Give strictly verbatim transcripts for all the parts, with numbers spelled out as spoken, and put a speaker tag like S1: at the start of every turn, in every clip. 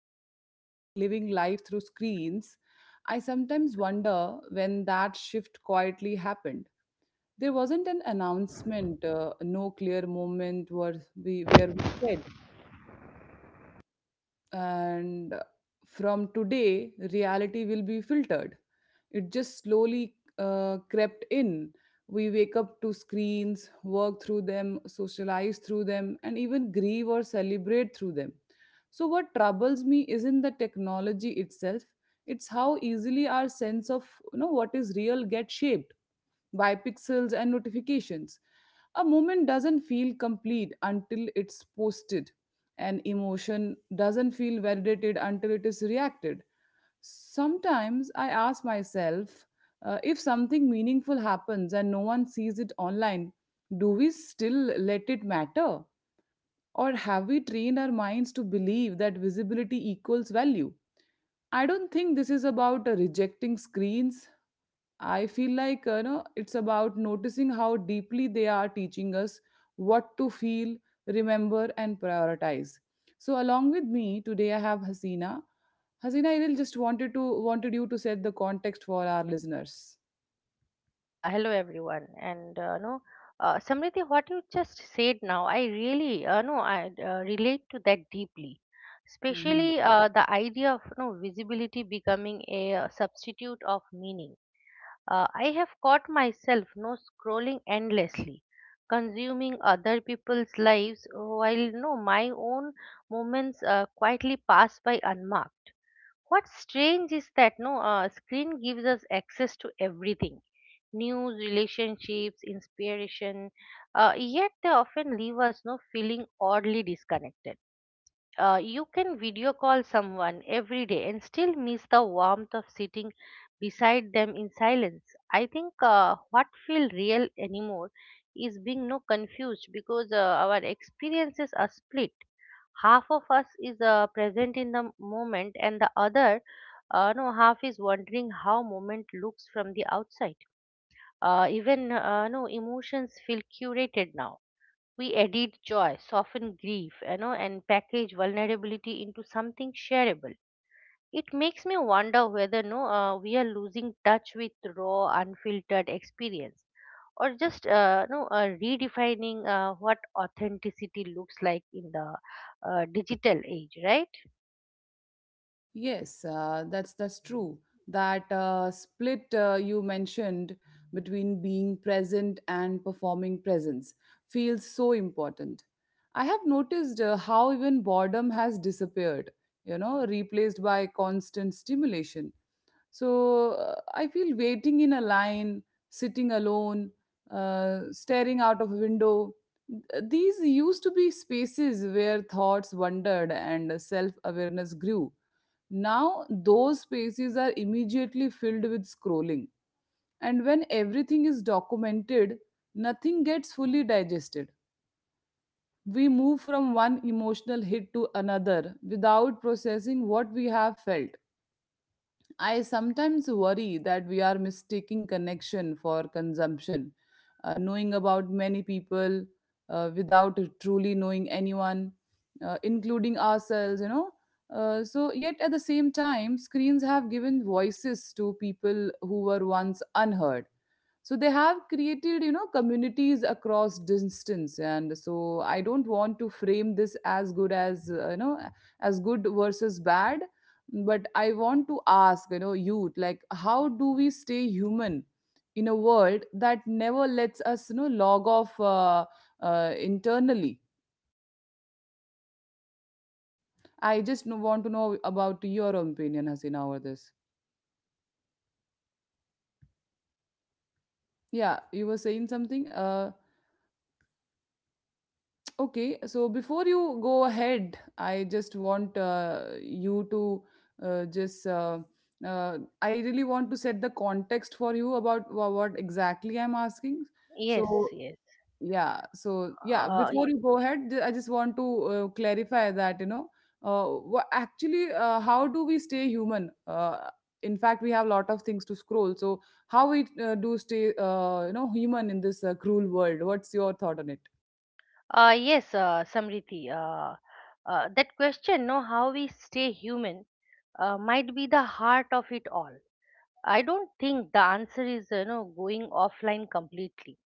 S1: when we talk about living life through screens, I sometimes wonder when that shift quietly happened. There wasn't an announcement, uh, no clear moment where we, where we said, and from today reality will be filtered. It just slowly uh, crept in. We wake up to screens, work through them, socialize through them, and even grieve or celebrate through them. So what troubles me isn't the technology itself, it's how easily our sense of you know what is real gets shaped by pixels and notifications. A moment doesn't feel complete until it's posted. An emotion doesn't feel validated until it is reacted. Sometimes I ask myself, uh, if something meaningful happens and no one sees it online, do we still let it matter? Or have we trained our minds to believe that visibility equals value? I don't think this is about uh, rejecting screens, I feel like uh, you know it's about noticing how deeply they are teaching us what to feel, remember, and prioritize. So along with me today, I have Hasina. Hasina, I really just wanted to wanted you to set the context for our listeners.
S2: Yeah, hello everyone. And uh, no, uh, Samriti, what you just said now, I really uh, no, I uh, relate to that deeply. Especially uh, the idea of no visibility becoming a uh, substitute of meaning. Uh, I have caught myself no scrolling endlessly, consuming other people's lives while no my own moments uh, quietly pass by unmarked. What's strange is that no uh, screen gives us access to everything: news, relationships, inspiration. Uh, yet they often leave us no feeling oddly disconnected. Uh, you can video call someone every day and still miss the warmth of sitting beside them in silence. I think uh, what feels real anymore is being no confused, because uh, our experiences are split. Half of us is uh, present in the moment, and the other uh, no half is wondering how moment looks from the outside. Uh, even uh, no emotions feel curated now. We edit joy, soften grief, you know, and package vulnerability into something shareable. It makes me wonder whether no uh, we are losing touch with raw unfiltered experience, or just uh, no uh, redefining uh, what authenticity looks like in the uh, digital age, right?
S1: Yes, uh, that's that's true. That uh, split uh, you mentioned between being present and performing presence feels so important. I have noticed uh, how even boredom has disappeared, you know, replaced by constant stimulation. So uh, I feel waiting in a line, sitting alone, uh, staring out of a window. Th- These used to be spaces where thoughts wandered and self awareness grew. Now, those spaces are immediately filled with scrolling. And when everything is documented, nothing gets fully digested. We move from one emotional hit to another without processing what we have felt. I sometimes worry that we are mistaking connection for consumption, uh, knowing about many people uh, without truly knowing anyone, uh, including ourselves, you know. Uh, so, yet at the same time, screens have given voices to people who were once unheard, so they have created, you know, communities across distance. And so I don't want to frame this as good as uh, you know as good versus bad, but I want to ask, you know, youth, like, how do we stay human in a world that never lets us, you know, log off, uh, uh, internally. I just know- want to know about your opinion, Hasina, over this. Yeah, you were saying something, uh okay, so before you go ahead, I just want uh, you to uh, just. Uh, uh, I really want to set the context for you about wha- what exactly I'm asking.
S2: Yes,
S1: So,
S2: yes.
S1: yeah, so yeah,
S2: Uh,
S1: before
S2: y-
S1: you go ahead, ju- I just want to uh, clarify that, you know, uh, wha- actually, uh, how do we stay human? Uh, in fact, we have a lot of things to scroll. So, how we uh, do stay, uh, you know, human in this uh, cruel world? What's your thought on it?
S2: uh, yes, uh, Samriti, Uh, uh, that question, no, how we stay human, uh, might be the heart of it all. I don't think the answer is, you know, going offline completely,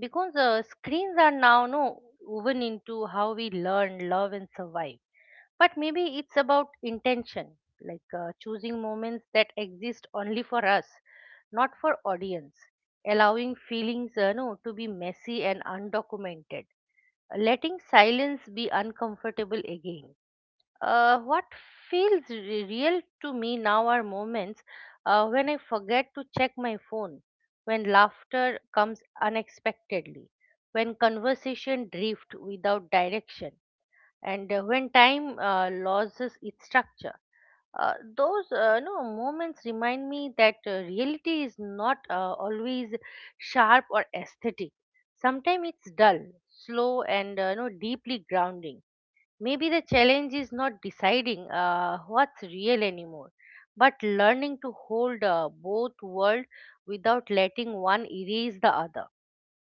S2: because uh, screens are now, no, woven into how we learn, love, and survive. But maybe it's about intention, like uh, choosing moments that exist only for us, not for audience, allowing feelings uh, no to be messy and undocumented, letting silence be uncomfortable again. Uh, what feels re- real to me now are moments uh, when I forget to check my phone, when laughter comes unexpectedly, when conversation drift without direction, and uh, when time uh, loses its structure. Uh, those uh, no moments remind me that uh, reality is not uh, always sharp or aesthetic. Sometimes it's dull, slow, and uh, no deeply grounding. Maybe the challenge is not deciding uh, what's real anymore, but learning to hold uh, both world without letting one erase the other.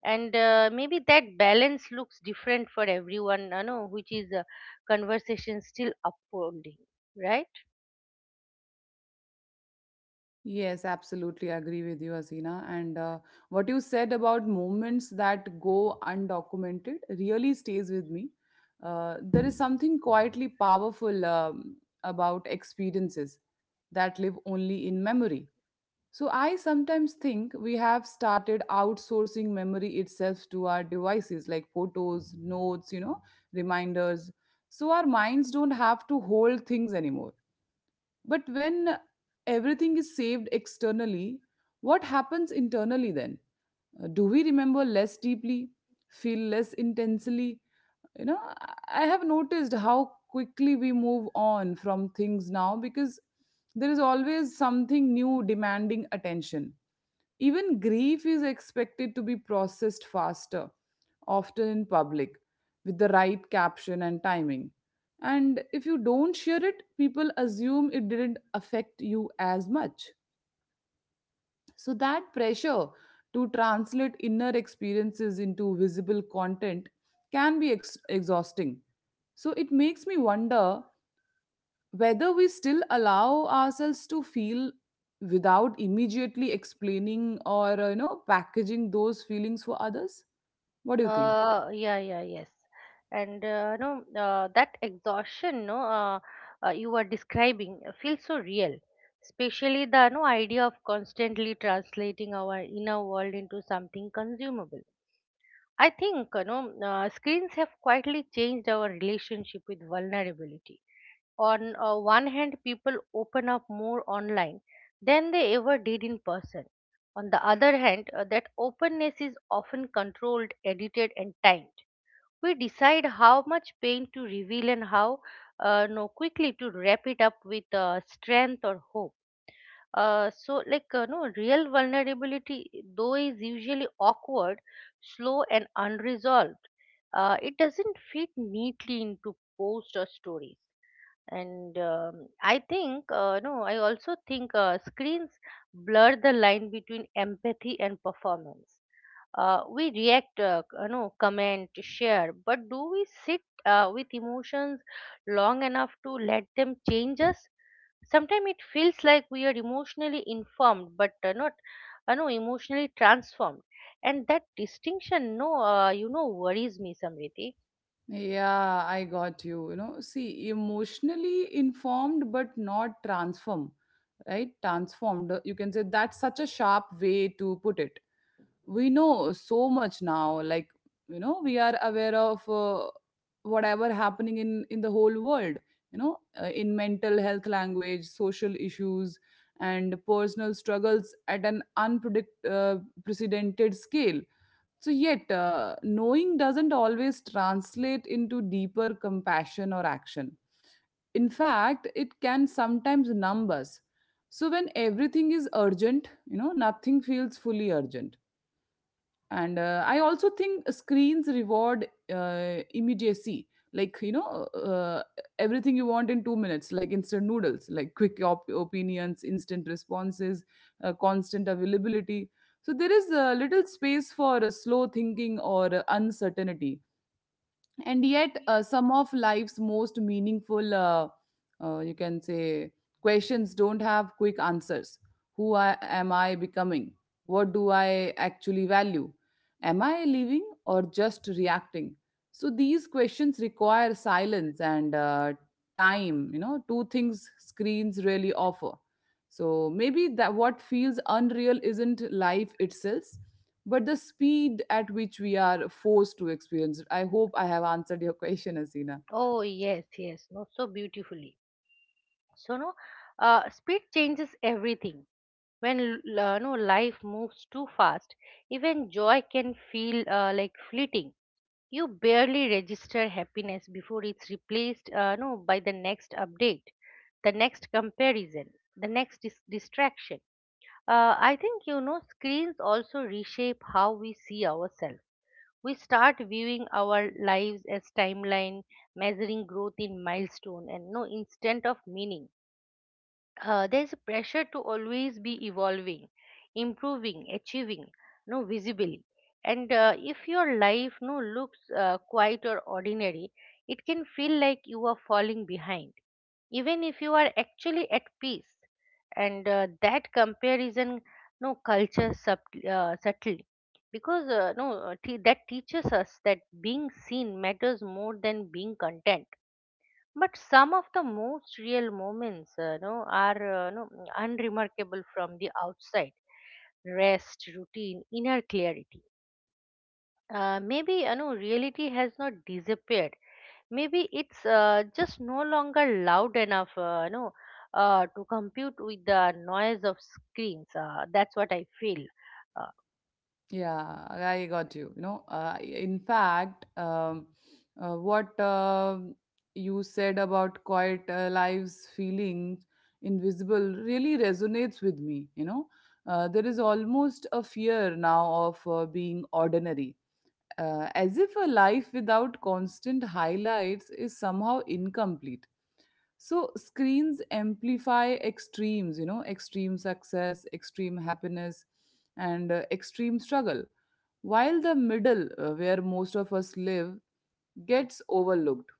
S2: And uh, maybe that balance looks different for everyone, you know, which is a conversation still upholding, right?
S1: Yes, absolutely agree with you, Hasina. And uh, what you said about moments that go undocumented really stays with me. Uh, there is something quietly powerful um, about experiences that live only in memory. So I sometimes think we have started outsourcing memory itself to our devices, like photos, notes, you know, reminders. So our minds don't have to hold things anymore. But when everything is saved externally, what happens internally then? Uh, Do we remember less deeply, feel less intensely? You know, I I have noticed how quickly we move on from things now, because there is always something new demanding attention. Even grief is expected to be processed faster, often in public, with the right caption and timing. And if you don't share it, people assume it didn't affect you as much. So, that pressure to translate inner experiences into visible content can be ex- exhausting. So, it makes me wonder whether we still allow ourselves to feel without immediately explaining or uh, you know packaging those feelings for others. What do you think?
S2: Uh yeah, yeah, yes. And uh, no uh, that exhaustion no uh, uh, you are describing uh, feels so real, especially the no idea of constantly translating our inner world into something consumable. I think, you know, uh, screens have quietly changed our relationship with vulnerability. On uh, one hand, people open up more online than they ever did in person. On the other hand, uh, that openness is often controlled, edited, and timed. We decide how much pain to reveal and how uh, no quickly to wrap it up with uh, strength or hope. Uh, so like uh, no real vulnerability though is usually awkward, slow, and unresolved. Uh, it doesn't fit neatly into post or story. And um, i think uh, no i also think uh, screens blur the line between empathy and performance. Uh, we react, uh, c- you know, comment, share, but do we sit uh, with emotions long enough to let them change us? Sometimes it feels like we are emotionally informed but uh, not, uh, no emotionally transformed. And that distinction, no uh, you know, worries me, Samriti.
S1: Yeah, I got you. You know, see, emotionally informed but not transform right transformed, you can say. That's such a sharp way to put it. We know so much now, like, you know, we are aware of uh, whatever happening in in the whole world, you know, uh, in mental health language, social issues, and personal struggles at an unpredict uh, precedented scale. So yet, uh, knowing doesn't always translate into deeper compassion or action. In fact, it can sometimes numb us. So when everything is urgent, you know, nothing feels fully urgent. And uh, I also think screens reward uh, immediacy, like, you know, uh, everything you want in two minutes, like instant noodles, like quick op- opinions, instant responses, uh, constant availability. So there is uh, little space for uh, slow thinking or uh, uncertainty. And yet, uh, some of life's most meaningful uh, uh, you can say, questions don't have quick answers. Who I, am I becoming? What do I actually value? Am I living or just reacting? So these questions require silence and uh, time, you know, two things screens really offer. So maybe that what feels unreal isn't life itself, but the speed at which we are forced to experience it. I hope I have answered your question, Asina.
S2: Oh, yes, yes. no so beautifully. So, no, uh, speed changes everything. When l- uh, no life moves too fast, even joy can feel uh, like fleeting. You barely register happiness before it's replaced uh, no by the next update, the next comparison, the next dis- distraction. Uh, I think, you know, screens also reshape how we see ourselves. We start viewing our lives as timeline, measuring growth in milestone, and no instant of meaning. Uh, there's a pressure to always be evolving, improving, achieving, no visibly. And uh, if your life no looks uh, quiet or ordinary, it can feel like you are falling behind, even if you are actually at peace. And uh, that comparison, no culture sub, uh, subtly, because uh, no uh, te- that teaches us that being seen matters more than being content. But some of the most real moments, uh, no, are, uh, no, unremarkable from the outside. Rest, routine, inner clarity. Uh, maybe, you know, reality has not disappeared. Maybe it's uh, just no longer loud enough, uh, you know, uh, to compute with the noise of screens. Uh, that's what I feel. Uh,
S1: Yeah, I got you. You know, uh, in fact, um, uh, what um you said about quiet uh, lives, feeling invisible, really resonates with me. You know, uh, there is almost a fear now of uh, being ordinary, uh, as if a life without constant highlights is somehow incomplete. So screens amplify extremes, you know, extreme success, extreme happiness, and uh, extreme struggle, while the middle, uh, where most of us live, gets overlooked.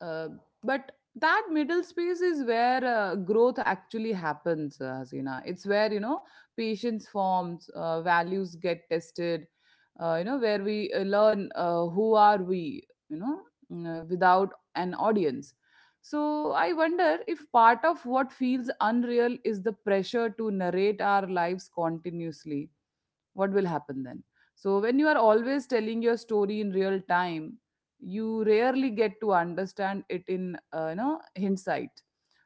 S1: uh, but that middle space is where uh, growth actually happens, uh, Hasina. It's where, you know, patience forms, uh, values get tested, uh, you know, where we uh, learn uh, who are we, you know, mm, uh, without an audience. So I wonder if part of what feels unreal is the pressure to narrate our lives continuously. What will happen then? So, when you are always telling your story in real time, you rarely get to understand it in uh, you know, hindsight.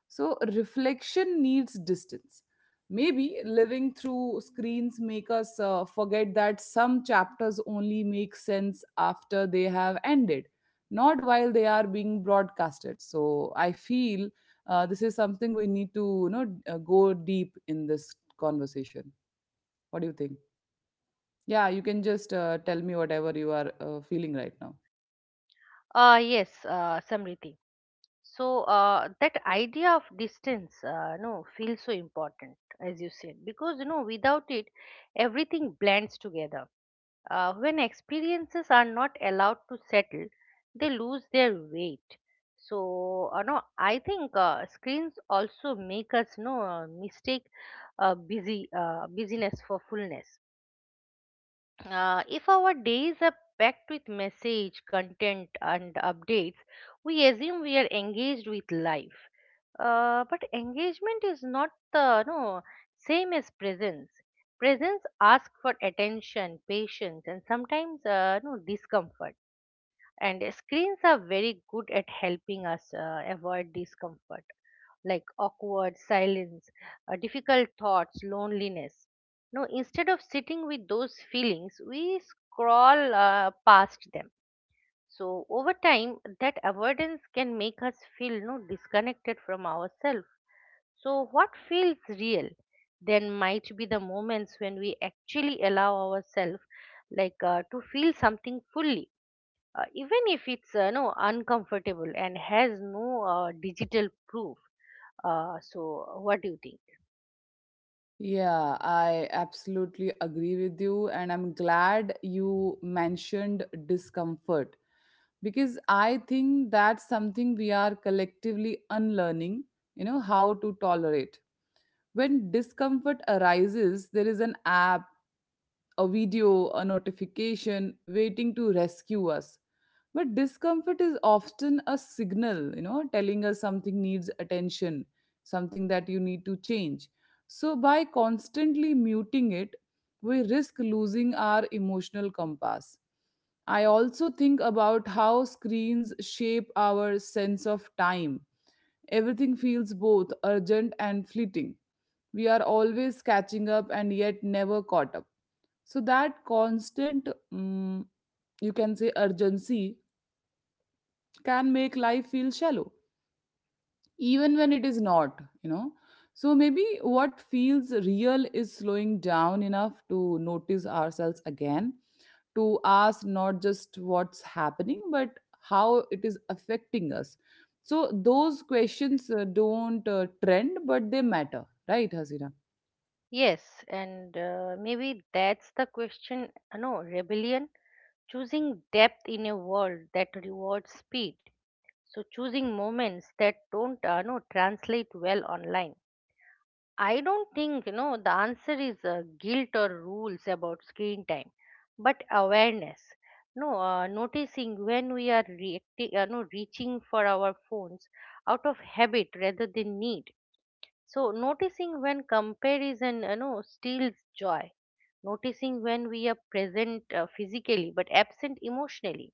S1: So, reflection needs distance. Maybe living through screens make us uh, forget that some chapters only make sense after they have ended, not while they are being broadcasted. So, I feel uh, this is something we need to, you know, uh, go deep in this conversation. What do you think? Yeah, you can just uh, tell me whatever you are uh, feeling right now.
S2: Uh, yes, uh, Samriti. So uh, that idea of distance, uh, no, feels so important, as you said, because, you know, without it, everything blends together. Uh, when experiences are not allowed to settle, they lose their weight. So, uh, no, I think uh, screens also make us no uh, mistake uh, busy uh, busyness for fullness. Uh, if our days are packed with message, content, and updates, we assume we are engaged with life. Uh, but engagement is not the no same as presence. Presence asks for attention, patience, and sometimes uh, no discomfort. And uh, screens are very good at helping us uh, avoid discomfort, like awkward silence, uh, difficult thoughts, loneliness. No instead of sitting with those feelings, we scroll uh, past them. So over time, that avoidance can make us feel no disconnected from ourselves. So what feels real then might be the moments when we actually allow ourselves, like, uh, to feel something fully, uh, even if it's uh, no uncomfortable and has no uh, digital proof. Uh, so what do you think?
S1: Yeah, I absolutely agree with you, and I'm glad you mentioned discomfort, because I think that's something we are collectively unlearning, you know, how to tolerate. When discomfort arises, there is an app, a video, a notification waiting to rescue us. But discomfort is often a signal, you know, telling us something needs attention, something that you need to change. So, by constantly muting it, we risk losing our emotional compass. I also think about how screens shape our sense of time. Everything feels both urgent and fleeting. We are always catching up and yet never caught up. So that constant, mm, you can say, urgency can make life feel shallow, even when it is not, you know. So maybe what feels real is slowing down enough to notice ourselves again, to ask not just what's happening, but how it is affecting us. So those questions uh, don't uh, trend, but they matter, right, Hasina?
S2: Yes. And uh, maybe that's the question, uh, no rebellion: choosing depth in a world that rewards speed, so choosing moments that don't uh, no translate well online. I don't think, you know, the answer is uh, guilt or rules about screen time, but awareness. No, uh, Noticing when we are reacting, uh, no, reaching for our phones out of habit rather than need. So noticing when comparison, you know, steals joy. Noticing when we are present uh, physically but absent emotionally.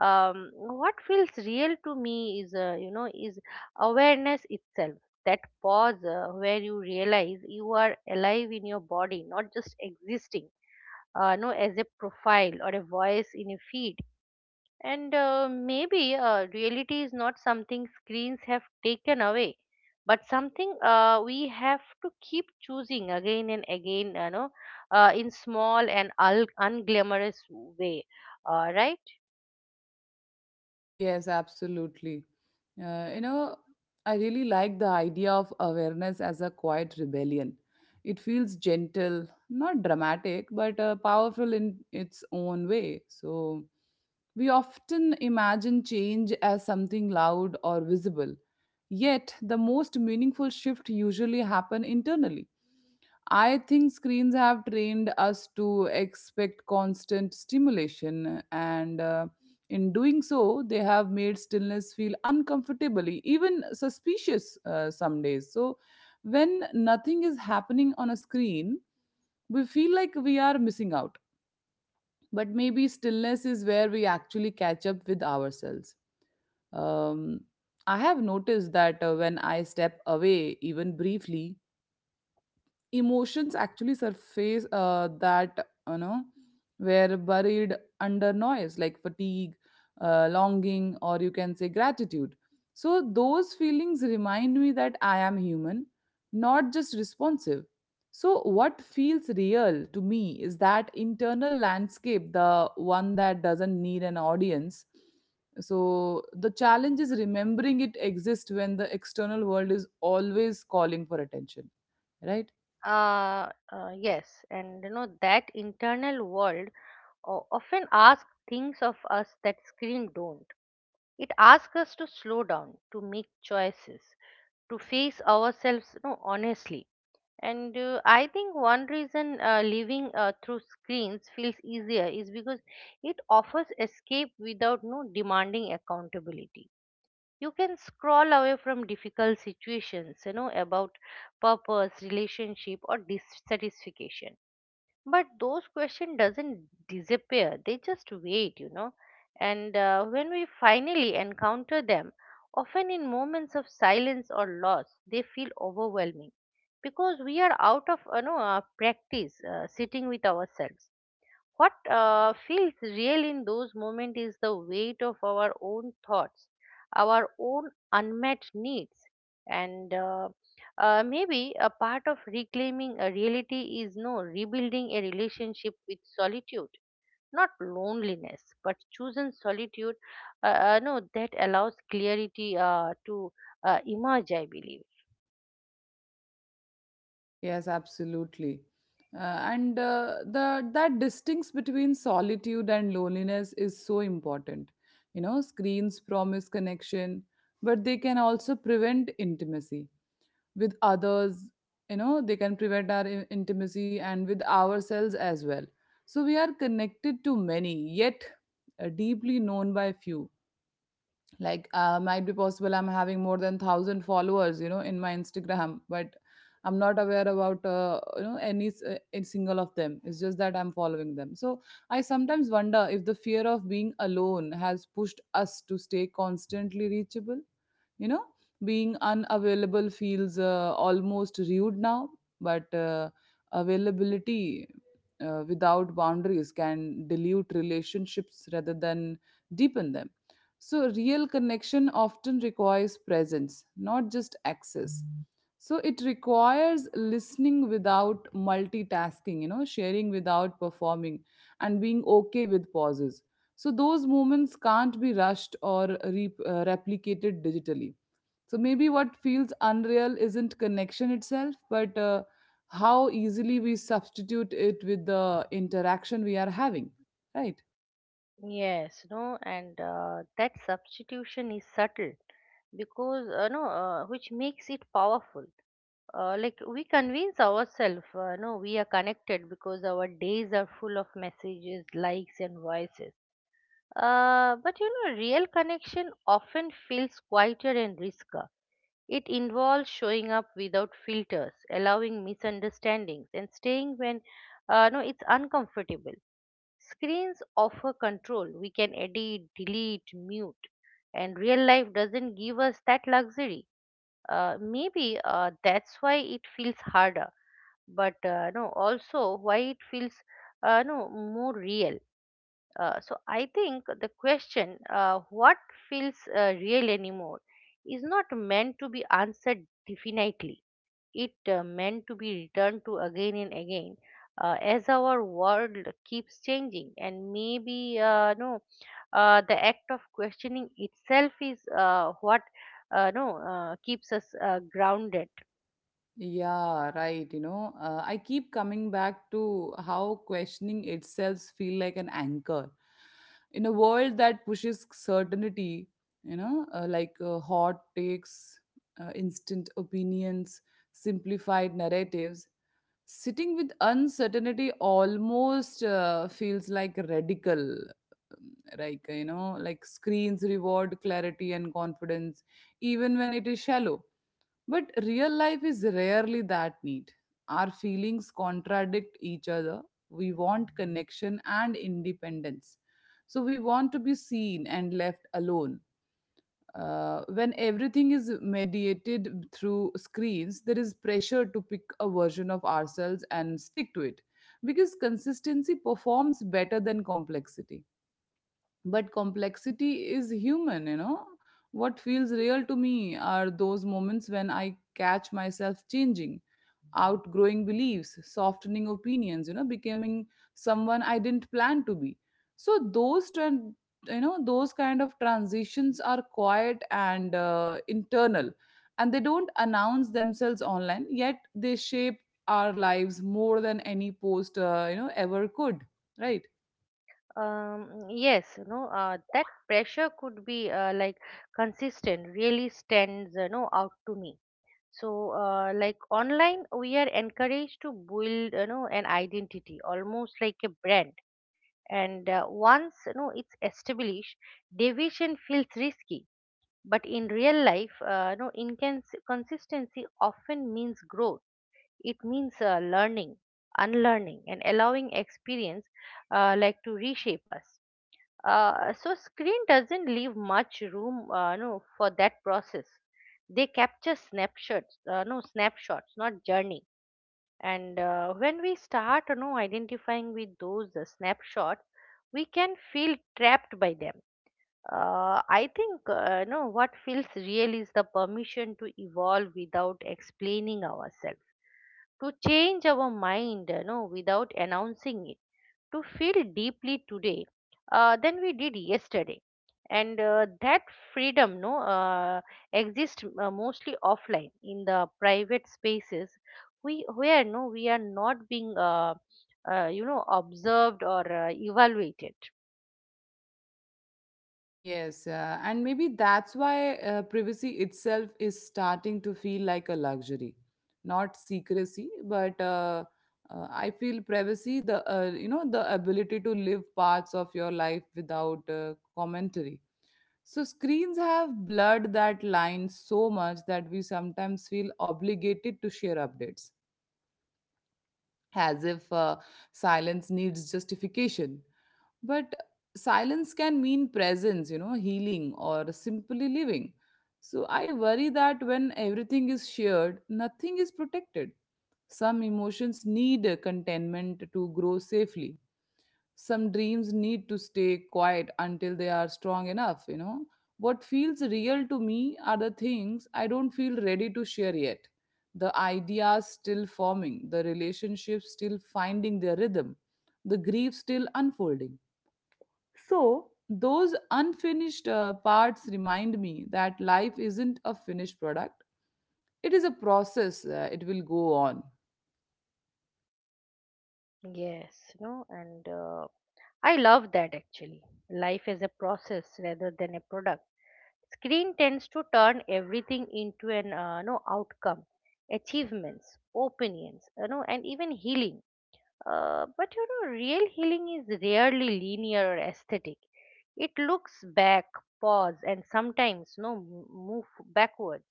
S2: um, What feels real to me is uh, you know is awareness itself, that pause uh, where you realize you are alive in your body, not just existing uh, no as a profile or a voice in a feed. And uh, maybe uh, reality is not something screens have taken away, but something uh, we have to keep choosing again and again, you know, uh, in small and ul- unglamorous way, uh, right?
S1: Yes, absolutely. Uh, you know, I really like the idea of awareness as a quiet rebellion. It feels gentle, not dramatic, but uh, powerful in its own way. So, we often imagine change as something loud or visible. Yet, the most meaningful shift usually happen internally. I think screens have trained us to expect constant stimulation, and uh, in doing so, they have made stillness feel uncomfortably, even suspicious uh, some days. So, when nothing is happening on a screen, we feel like we are missing out. But maybe stillness is where we actually catch up with ourselves. Um, I have noticed that uh, when I step away, even briefly, emotions actually surface uh, that, you know, were buried under noise, like fatigue, uh, longing, or you can say gratitude. So those feelings remind me that I am human, not just responsive. So what feels real to me is that internal landscape, the one that doesn't need an audience. So the challenge is remembering it exists when the external world is always calling for attention, right?
S2: Uh, uh, yes, and you know that internal world o- often asks things of us that screen don't. It asks us to slow down, to make choices, to face ourselves, you know, honestly. And uh, I think one reason uh, living uh, through screens feels easier is because it offers escape without no demanding accountability. You can scroll away from difficult situations, you know, about purpose, relationship, or dissatisfaction. But those questions doesn't disappear, they just wait, you know. And uh, when we finally encounter them, often in moments of silence or loss, they feel overwhelming, because we are out of, you know, uh, practice uh, sitting with ourselves. What uh, feels real in those moments is the weight of our own thoughts, our own unmet needs, and, uh, uh, maybe a part of reclaiming a reality is no rebuilding a relationship with solitude, not loneliness, but chosen solitude. Uh, uh, no, That allows clarity uh, to uh, emerge, I believe.
S1: Yes, absolutely. Uh, and uh, the that distinction between solitude and loneliness is so important. You know, screens promise connection, but they can also prevent intimacy with others. You know, they can prevent our in- intimacy and with ourselves as well. So we are connected to many, yet uh, deeply known by few. Like uh, might be possible I'm having more than one thousand followers, you know, in my Instagram, but I'm not aware about uh, you know any s- uh, any single of them. It's just that I'm following them. So I sometimes wonder if the fear of being alone has pushed us to stay constantly reachable, you know. Being unavailable feels uh, almost rude now, but uh, availability uh, without boundaries can dilute relationships rather than deepen them. So real connection often requires presence, not just access. So it requires listening without multitasking, you know, sharing without performing, and being okay with pauses. So those moments can't be rushed or re- uh, replicated digitally. So maybe what feels unreal isn't connection itself, but uh, how easily we substitute it with the interaction we are having, right?
S2: Yes, no, and uh, that substitution is subtle, because, uh, no, uh, which makes it powerful. Uh, like we convince ourselves, uh, no, we are connected because our days are full of messages, likes, and voices. Uh, but, you know, real connection often feels quieter and riskier. It involves showing up without filters, allowing misunderstandings, and staying when, uh, no, it's uncomfortable. Screens offer control. We can edit, delete, mute, and real life doesn't give us that luxury. Uh, maybe uh, that's why it feels harder, but, uh, no, also why it feels uh, no more real. Uh, so I think the question, uh, what feels uh, real anymore, is not meant to be answered definitely. It uh, meant to be returned to again and again, uh, as our world keeps changing, and maybe uh, no, uh, the act of questioning itself is uh, what, uh, no, uh, keeps us uh, grounded.
S1: Yeah, right. You know, uh, I keep coming back to how questioning itself feel like an anchor in a world that pushes certainty. You know, uh, like uh, hot takes, uh, instant opinions, simplified narratives. Sitting with uncertainty almost uh, feels like radical. Like, uh, you know, like screens reward clarity and confidence, even when it is shallow, but real life is rarely that neat. Our feelings contradict each other. We want connection and independence. So we want to be seen and left alone. Uh, when everything is mediated through screens, there is pressure to pick a version of ourselves and stick to it, because consistency performs better than complexity. But complexity is human, you know. What feels real to me are those moments when I catch myself changing, outgrowing beliefs, softening opinions, you know, becoming someone I didn't plan to be. So those tran- you know, those kind of transitions are quiet and uh, internal, and they don't announce themselves online, yet they shape our lives more than any post uh, you know ever could, right?
S2: Um, yes. You know uh, that pressure could be uh, like consistent really stands you know out to me. So uh, like online we are encouraged to build you know an identity, almost like a brand. And uh, once you know it's established, deviation feels risky, but in real life, uh, you know inconsistency often means growth. It means uh, learning, unlearning, and allowing experience uh, like to reshape us. Uh, so screen doesn't leave much room, uh, no, for that process. They capture snapshots, uh, no, snapshots, not journey. And uh, when we start you know identifying with those uh, snapshots, we can feel trapped by them. uh, I think, uh, you know what feels real is the permission to evolve without explaining ourselves, to change our mind you know without announcing it, to feel deeply today uh, than we did yesterday. And uh, that freedom, no, uh, exists uh, mostly offline, in the private spaces we, where, no, we are not being uh, uh, you know observed or uh, evaluated.
S1: Yes, uh, and maybe that's why uh, privacy itself is starting to feel like a luxury, not secrecy, but uh, uh, I feel privacy, the uh, you know the ability to live parts of your life without uh, commentary. So screens have blurred that line so much that we sometimes feel obligated to share updates, as if uh, silence needs justification. But silence can mean presence, you know, healing or simply living. So I worry that when everything is shared, nothing is protected. Some emotions need uh, containment to grow safely. Some dreams need to stay quiet until they are strong enough, you know. What feels real to me are the things I don't feel ready to share yet: the ideas still forming, the relationships still finding their rhythm, the grief still unfolding. So those unfinished uh, parts remind me that life isn't a finished product. It is a process. Uh, it will go on.
S2: Yes, no, and uh, I love that actually. Life is a process rather than a product. Screen tends to turn everything into an uh, no outcome: achievements, opinions, you know, and even healing. Uh, but you know, real healing is rarely linear or aesthetic. It looks back, pause, and sometimes no m- move backwards.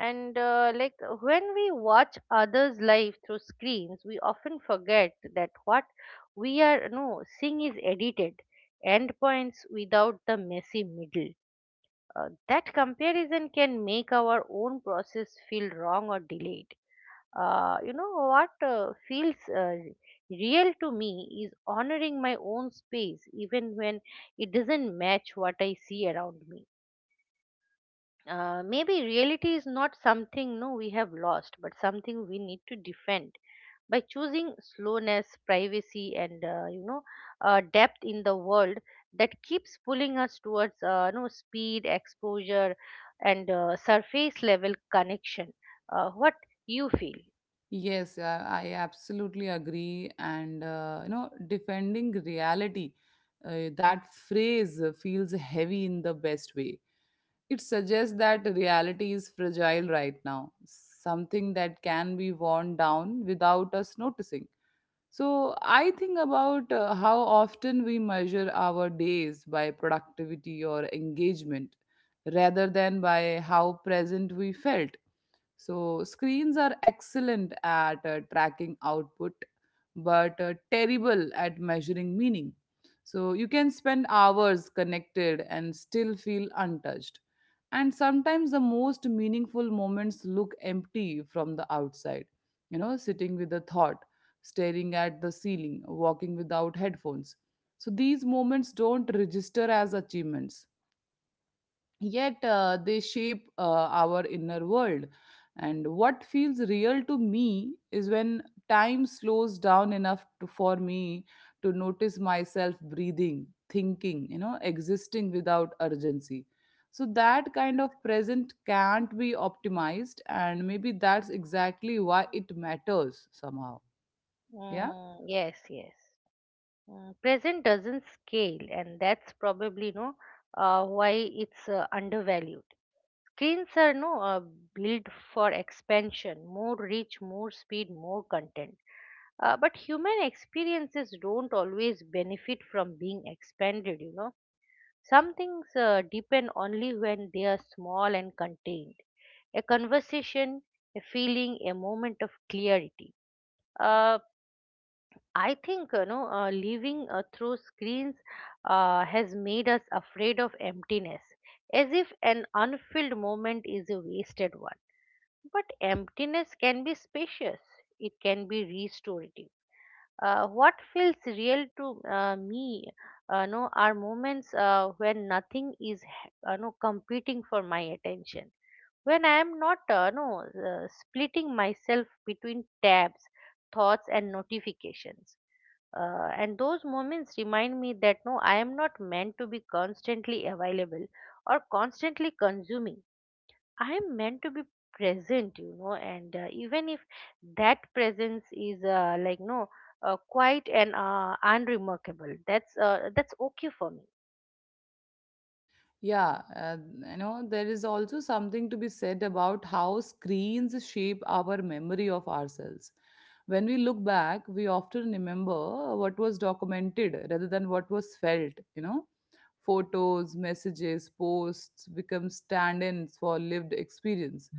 S2: And uh, like when we watch others' life through screens, we often forget that what we are no seeing is edited endpoints without the messy middle. Uh, that comparison can make our own process feel wrong or delayed. Uh, you know what uh, feels uh, real to me is honoring my own space, even when it doesn't match what I see around me. Uh, maybe reality is not something no we have lost, but something we need to defend by choosing slowness, privacy, and uh, you know uh, depth, in the world that keeps pulling us towards uh, you know speed, exposure, and uh, surface level connection. Uh, what you feel?
S1: Yes, yeah, I absolutely agree. And uh, you know, defending reality, uh, that phrase feels heavy in the best way. It suggests that reality is fragile right now, something that can be worn down without us noticing. So I think about uh, how often we measure our days by productivity or engagement rather than by how present we felt. So screens are excellent at uh, tracking output, but uh, terrible at measuring meaning. So you can spend hours connected and still feel untouched. And sometimes the most meaningful moments look empty from the outside, you know, sitting with a thought, staring at the ceiling, walking without headphones. So these moments don't register as achievements, yet uh, they shape uh, our inner world. And what feels real to me is when time slows down enough to, for me to notice myself breathing, thinking, you know, existing without urgency. So that kind of present can't be optimized, and maybe that's exactly why it matters somehow. Yeah.
S2: Mm, yes, yes. Mm, present doesn't scale, and that's probably no, uh, why it's uh, undervalued. Screens are no uh, built for expansion: more reach, more speed, more content. Uh, but human experiences don't always benefit from being expanded, you know. Some things uh, deepen only when they are small and contained. A conversation, a feeling, a moment of clarity. Uh, I think, you know, uh, living uh, through screens uh, has made us afraid of emptiness, as if an unfilled moment is a wasted one. But emptiness can be spacious. It can be restorative. Uh, what feels real to uh, me, uh, no, are moments uh, when nothing is, h- uh, no, competing for my attention. When I am not, uh, no, uh, splitting myself between tabs, thoughts, and notifications. Uh, and those moments remind me that no, I am not meant to be constantly available or constantly consuming. I'm meant to be present, you know, and uh, even if that presence is uh, like no, uh, quite and uh, unremarkable, that's uh, that's okay for me.
S1: Yeah, uh, you know, there is also something to be said about how screens shape our memory of ourselves. When we look back, we often remember what was documented rather than what was felt, you know. Photos, messages, posts become stand ins for lived experience.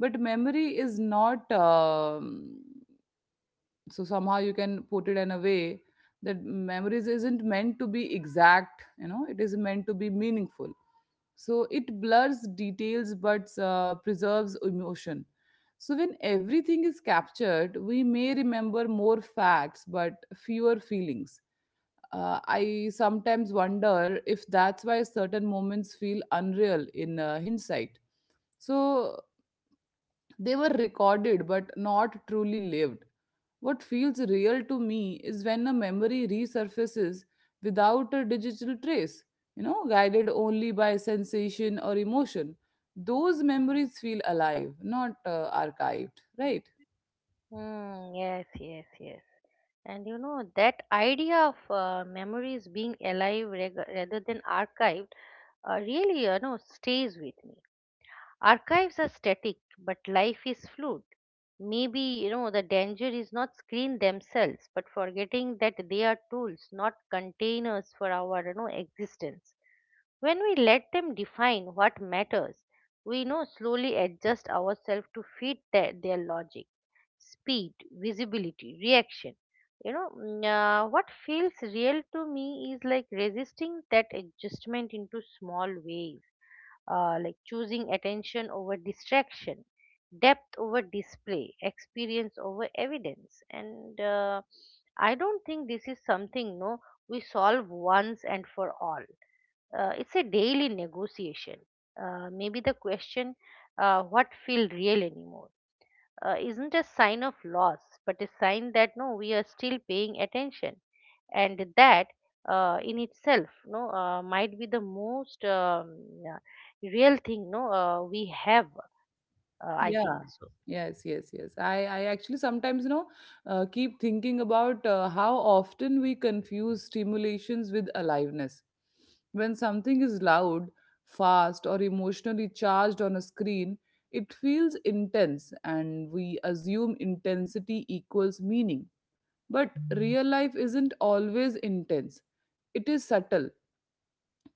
S1: But memory is not, um, so somehow you can put it in a way that memories isn't meant to be exact, you know, it is meant to be meaningful. So it blurs details but uh, preserves emotion. So when everything is captured, we may remember more facts but fewer feelings. uh, I sometimes wonder if that's why certain moments feel unreal in uh, hindsight. So they were recorded but not truly lived. What feels real to me is when a memory resurfaces without a digital trace, you know, guided only by sensation or emotion. Those memories feel alive, not uh, archived, right?
S2: Hmm. Yes, yes, yes. And you know that idea of uh, memories being alive reg- rather than archived uh, really, you know, stays with me. Archives are static, but life is fluid. Maybe, you know, the danger is not screen themselves, but forgetting that they are tools, not containers for our, you know, existence. When we let them define what matters, we you know slowly adjust ourselves to fit their, their logic: speed, visibility, reaction. You know, mm, uh, what feels real to me is like resisting that adjustment into small ways, uh, like choosing attention over distraction, depth over display, experience over evidence. And uh, I don't think this is something no we solve once and for all. Uh, it's a daily negotiation. Uh, maybe the question, uh, what feel real anymore, uh, isn't a sign of loss, but a sign that no, we are still paying attention, and that, uh, in itself, no, uh, might be the most um, yeah, real thing, no, uh, we have. Uh, I
S1: Yeah.
S2: think so.
S1: Yes, yes, yes. I, I actually sometimes, you know, uh, keep thinking about uh, how often we confuse stimulations with aliveness. When something is loud, fast, or emotionally charged on a screen, it feels intense, and we assume intensity equals meaning. But real life isn't always intense, it is subtle.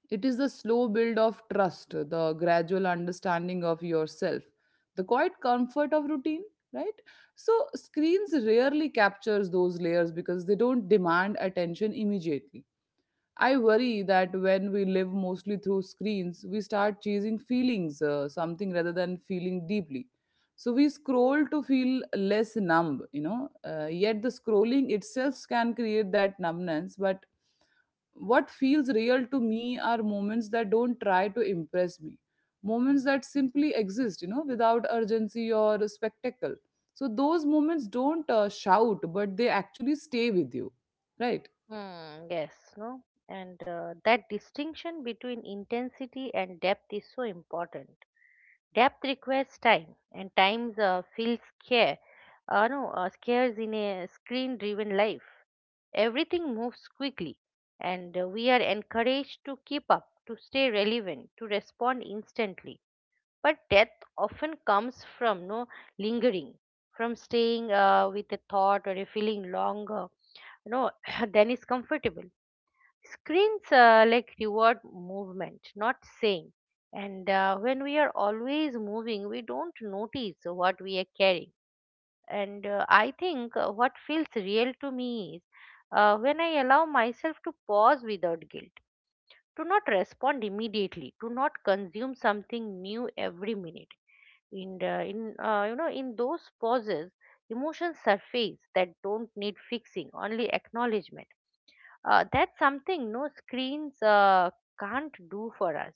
S1: It is the slow build of trust, the gradual understanding of yourself, the quiet comfort of routine, right? So screens rarely captures those layers because they don't demand attention immediately. I worry that when we live mostly through screens, we start chasing feelings, uh, something rather than feeling deeply. So we scroll to feel less numb, you know. Uh, yet the scrolling itself can create that numbness. But what feels real to me are moments that don't try to impress me, moments that simply exist, you know, without urgency or spectacle. So those moments don't uh, shout, but they actually stay with you, right?
S2: Hmm, yes, no, and uh, that distinction between intensity and depth is so important. Depth requires time, and times uh, feels care. Uh, no, uh, scares in a screen-driven life. Everything moves quickly, and uh, we are encouraged to keep up, to stay relevant, to respond instantly. But death often comes from no lingering, from staying uh, with a thought or a feeling longer, you know, than is comfortable. Screens uh, like reward movement, not saying. And uh, when we are always moving, we don't notice what we are carrying. And uh, I think uh, what feels real to me is uh, when I allow myself to pause without guilt, to not respond immediately, to not consume something new every minute. In the, in uh, you know in those pauses, emotions surface that don't need fixing, only acknowledgement. Uh, that's something no screens uh, can't do for us.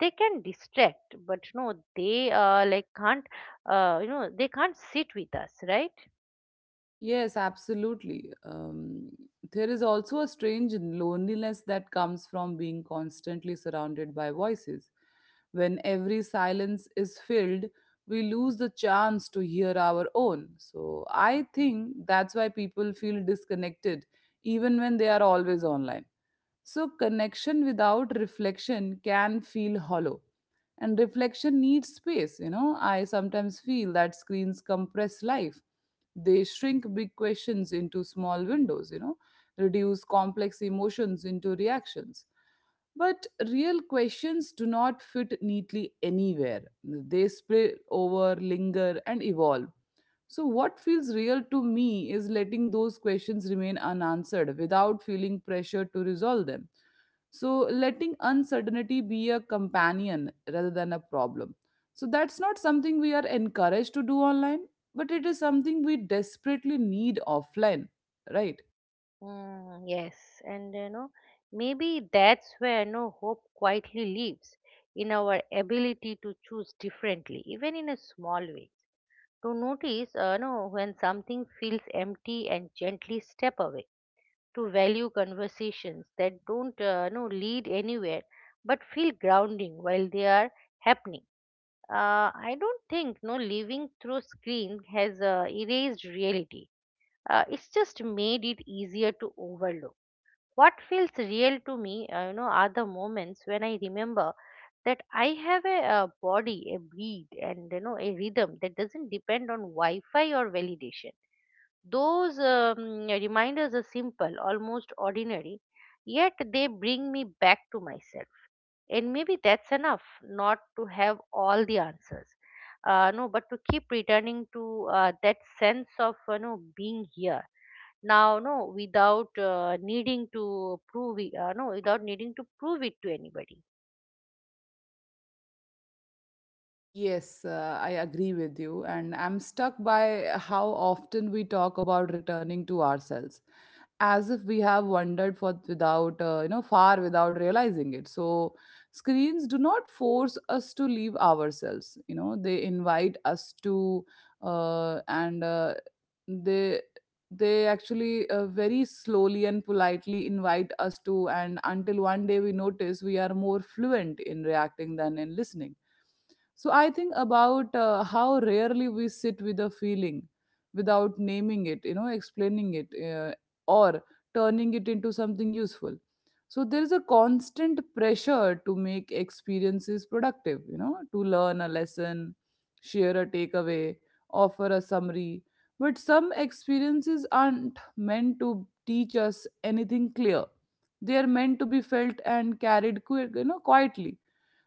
S2: They can distract, but no, they uh, like can't. Uh, you know they can't sit with us, right?
S1: Yes, absolutely. Um, there is also a strange loneliness that comes from being constantly surrounded by voices. When every silence is filled, we lose the chance to hear our own. So I think that's why people feel disconnected even when they are always online. So connection without reflection can feel hollow, and reflection needs space, you know. I sometimes feel that screens compress life. They shrink big questions into small windows, you know, reduce complex emotions into reactions. But real questions do not fit neatly anywhere. They spill over, linger, and evolve. So what feels real to me is letting those questions remain unanswered without feeling pressure to resolve them. So letting uncertainty be a companion rather than a problem. So that's not something we are encouraged to do online, but it is something we desperately need offline, right?
S2: Mm, yes, and you know, maybe that's where no hope quietly lives, in our ability to choose differently, even in a small way. To notice, uh, no, when something feels empty and gently step away. To value conversations that don't, uh, no, lead anywhere, but feel grounding while they are happening. Uh, I don't think no living through screen has uh, erased reality. Uh, it's just made it easier to overlook what feels real to me. Uh, you know, are the moments when I remember that I have a, uh body, a breed, and you know, a rhythm that doesn't depend on Wi-Fi or validation. Those um, reminders are simple, almost ordinary, yet they bring me back to myself. And maybe that's enough, not to have all the answers. Uh, no, but to keep returning to uh, that sense of you know being here now, no, without uh, needing to prove it, uh, no, without needing to prove it to anybody.
S1: Yes, uh, I agree with you. And I'm stuck by how often we talk about returning to ourselves, as if we have wandered for without uh, you know far without realizing it. So screens do not force us to leave ourselves, you know, they invite us to, uh, and uh, they they actually uh, very slowly and politely invite us to, and until one day we notice we are more fluent in reacting than in listening. So I think about uh, how rarely we sit with a feeling without naming it, you know, explaining it, uh, or turning it into something useful. So there is a constant pressure to make experiences productive, you know, to learn a lesson, share a takeaway, offer a summary. But some experiences aren't meant to teach us anything clear. They are meant to be felt and carried qui- you know, quietly.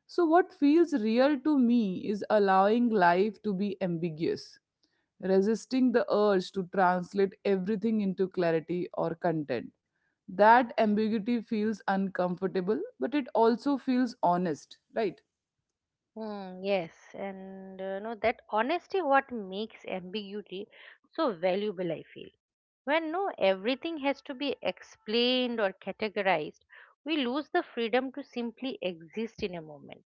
S1: So what feels real to me is allowing life to be ambiguous, resisting the urge to translate everything into clarity or content. That ambiguity feels uncomfortable, but it also feels honest, right?
S2: Hmm, yes, and uh, no, that honesty what makes ambiguity so valuable, I feel. When no everything has to be explained or categorized, we lose the freedom to simply exist in a moment.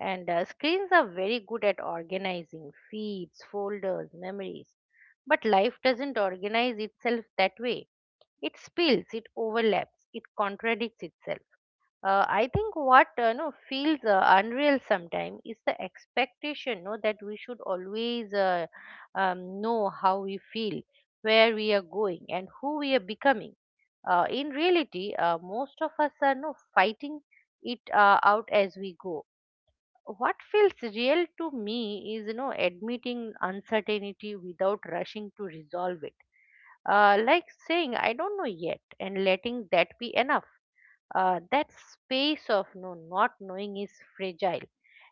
S2: And uh, screens are very good at organizing feeds, folders, memories, but life doesn't organize itself that way. It spills, it overlaps, it contradicts itself. uh, I think what uh, no feels uh, unreal sometimes is the expectation no that we should always uh, um, know how we feel, where we are going, and who we are becoming. Uh, in reality, uh, most of us are no fighting it uh, out as we go. What feels real to me is you know admitting uncertainty without rushing to resolve it, uh, like saying "I don't know yet" and letting that be enough. Uh, that space of no not knowing is fragile,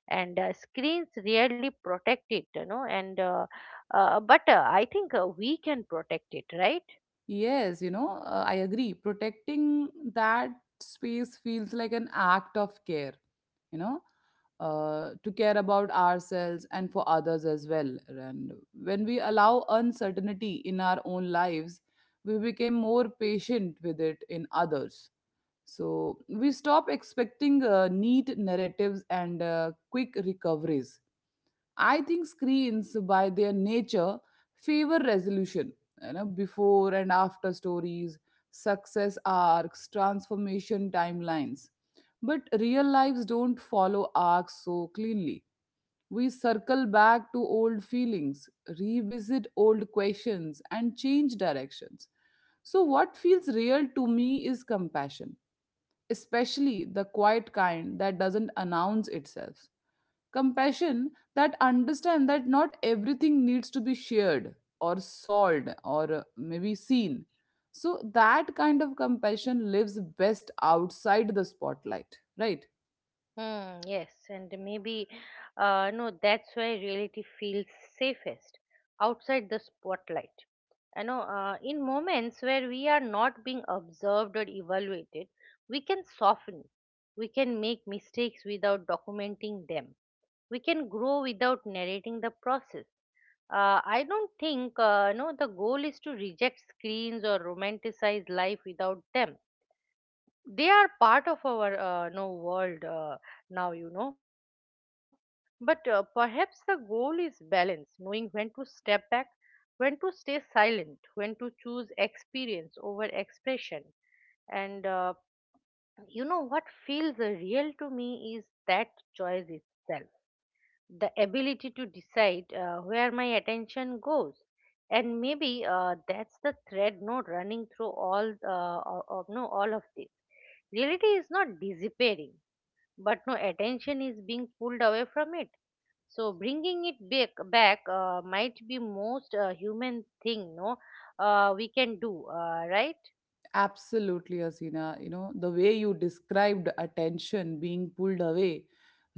S2: and uh, screens rarely protect it, you know and uh, uh, but uh, I think uh, we can protect it, right?
S1: Yes, you know, uh, I agree. Protecting that space feels like an act of care, you know, uh, to care about ourselves and for others as well. And when we allow uncertainty in our own lives, we become more patient with it in others. So we stop expecting uh, neat narratives and uh, quick recoveries. I think screens, by their nature, favor resolution. You know, before and after stories, success arcs, transformation timelines. But real lives don't follow arcs so cleanly. We circle back to old feelings, revisit old questions, and change directions. So what feels real to me is compassion, especially the quiet kind that doesn't announce itself. Compassion that understands that not everything needs to be shared or solved or uh, maybe seen. So that kind of compassion lives best outside the spotlight, right?
S2: Hmm, yes, and maybe uh, no, that's why reality feels safest outside the spotlight. You know uh, in moments where we are not being observed or evaluated, we can soften. We can make mistakes without documenting them. We can grow without narrating the process. uh, I don't think, uh, no, the goal is to reject screens or romanticize life without them. They are part of our uh, no world uh, now, you know but uh, perhaps the goal is balance: knowing when to step back, when to stay silent, when to choose experience over expression. And uh, you know what feels uh, real to me is that choice itself, the ability to decide uh, where my attention goes. And maybe uh, that's the thread, no, running through all uh, of, no all of this. Reality is not disappearing, but no attention is being pulled away from it. So bringing it back, back, uh, might be most uh, human thing, no, uh, we can do, uh, right?
S1: Absolutely, Asina. You know, the way you described attention being pulled away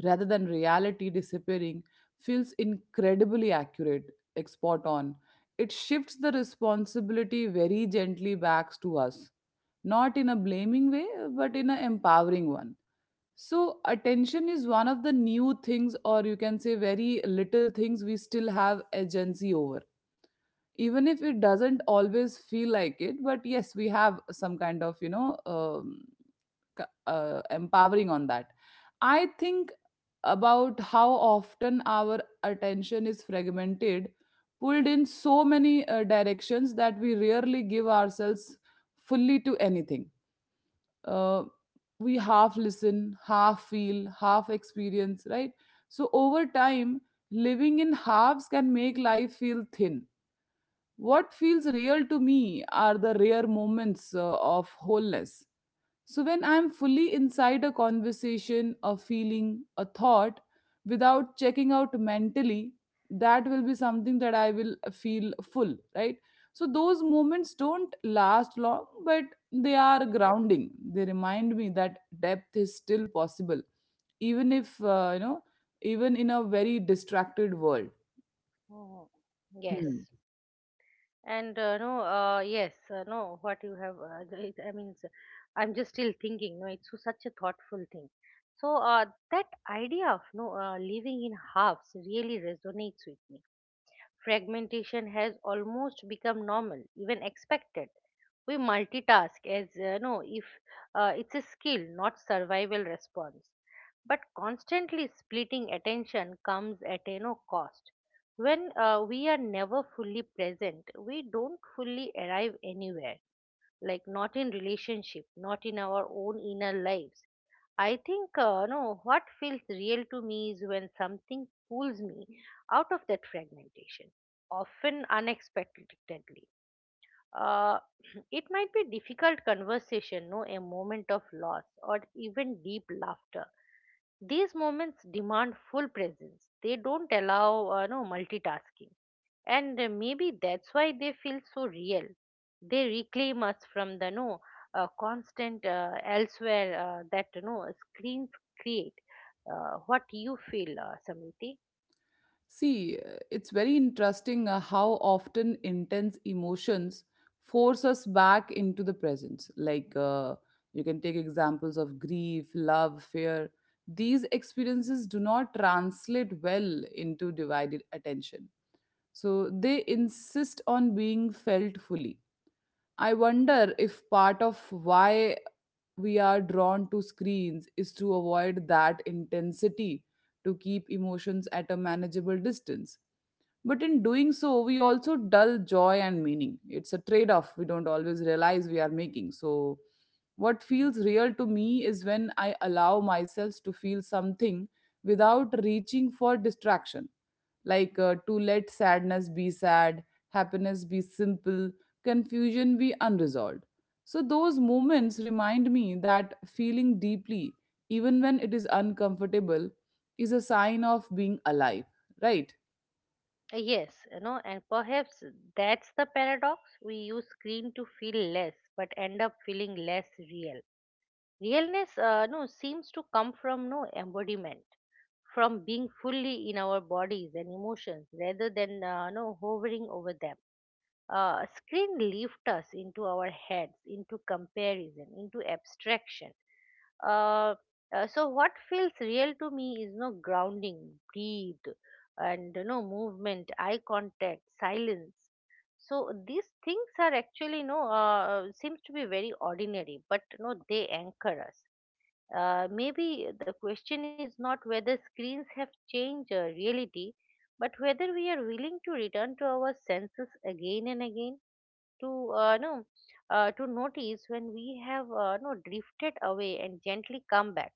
S1: rather than reality disappearing feels incredibly accurate, like spot on. It shifts the responsibility very gently back to us, not in a blaming way, but in an empowering one. So, attention is one of the new things, or you can say very little things we still have agency over even if it doesn't always feel like it, but yes, we have some kind of you know um, c- uh, empowering on that, I think about how often our attention is fragmented, pulled in so many uh, directions that we rarely give ourselves fully to anything. uh, we half listen, half feel, half experience, right? So over time, living in halves can make life feel thin. What feels real to me are the rare moments uh, of wholeness. So, when I'm fully inside a conversation, a feeling, a thought, without checking out mentally, that will be something that I will feel full, right? So, those moments don't last long, but they are grounding. They remind me that depth is still possible, even if, uh, you know, even in a very distracted world.
S2: Mhm.
S1: Hmm.
S2: Yes. And uh, no, uh, yes, uh, no, what you have, uh, j- it, I mean, s- I'm just still thinking, no, it's so- such a thoughtful thing. So uh, that idea of no uh, living in halves really resonates with me. Fragmentation has almost become normal, even expected. We multitask as uh, no, if uh, it's a skill, not survival response. But constantly splitting attention comes at a no cost. When uh, we are never fully present, we don't fully arrive anywhere, like not in relationship, not in our own inner lives. I think uh, no, what feels real to me is when something pulls me out of that fragmentation, often unexpectedly. uh, it might be difficult conversation, no, a moment of loss, or even deep laughter. These moments demand full presence. They don't allow uh, no multitasking. And uh, maybe that's why they feel so real. They reclaim us from the no uh, constant uh, elsewhere uh, that no screens create. Uh, what you feel, uh, Samriti?
S1: See, uh, it's very interesting uh, how often intense emotions force us back into the present. Like uh, you can take examples of grief, love, fear. These experiences do not translate well into divided attention. So they insist on being felt fully. I wonder if part of why we are drawn to screens is to avoid that intensity, to keep emotions at a manageable distance, but in doing so, we also dull joy and meaning. It's a trade off we don't always realize we are making. So, what feels real to me is when I allow myself to feel something without reaching for distraction. Like uh, to let sadness be sad, happiness be simple, confusion be unresolved. So, those moments remind me that feeling deeply, even when it is uncomfortable, is a sign of being alive, right?
S2: Uh, Yes, you know, and perhaps that's the paradox. We use screen to feel less, but end up feeling less real. Realness, uh, no, seems to come from no embodiment, from being fully in our bodies and emotions, rather than uh, no hovering over them uh, Screen lift us into our heads, into comparison, into abstraction. Uh, uh, so what feels real to me is no grounding, breathe, and no movement, eye contact, silence. So these things are actually no uh, seems to be very ordinary, but no they anchor us. Uh, maybe the question is not whether screens have changed uh, reality, but whether we are willing to return to our senses again and again, to uh, no, uh, to notice when we have uh, no drifted away and gently come back.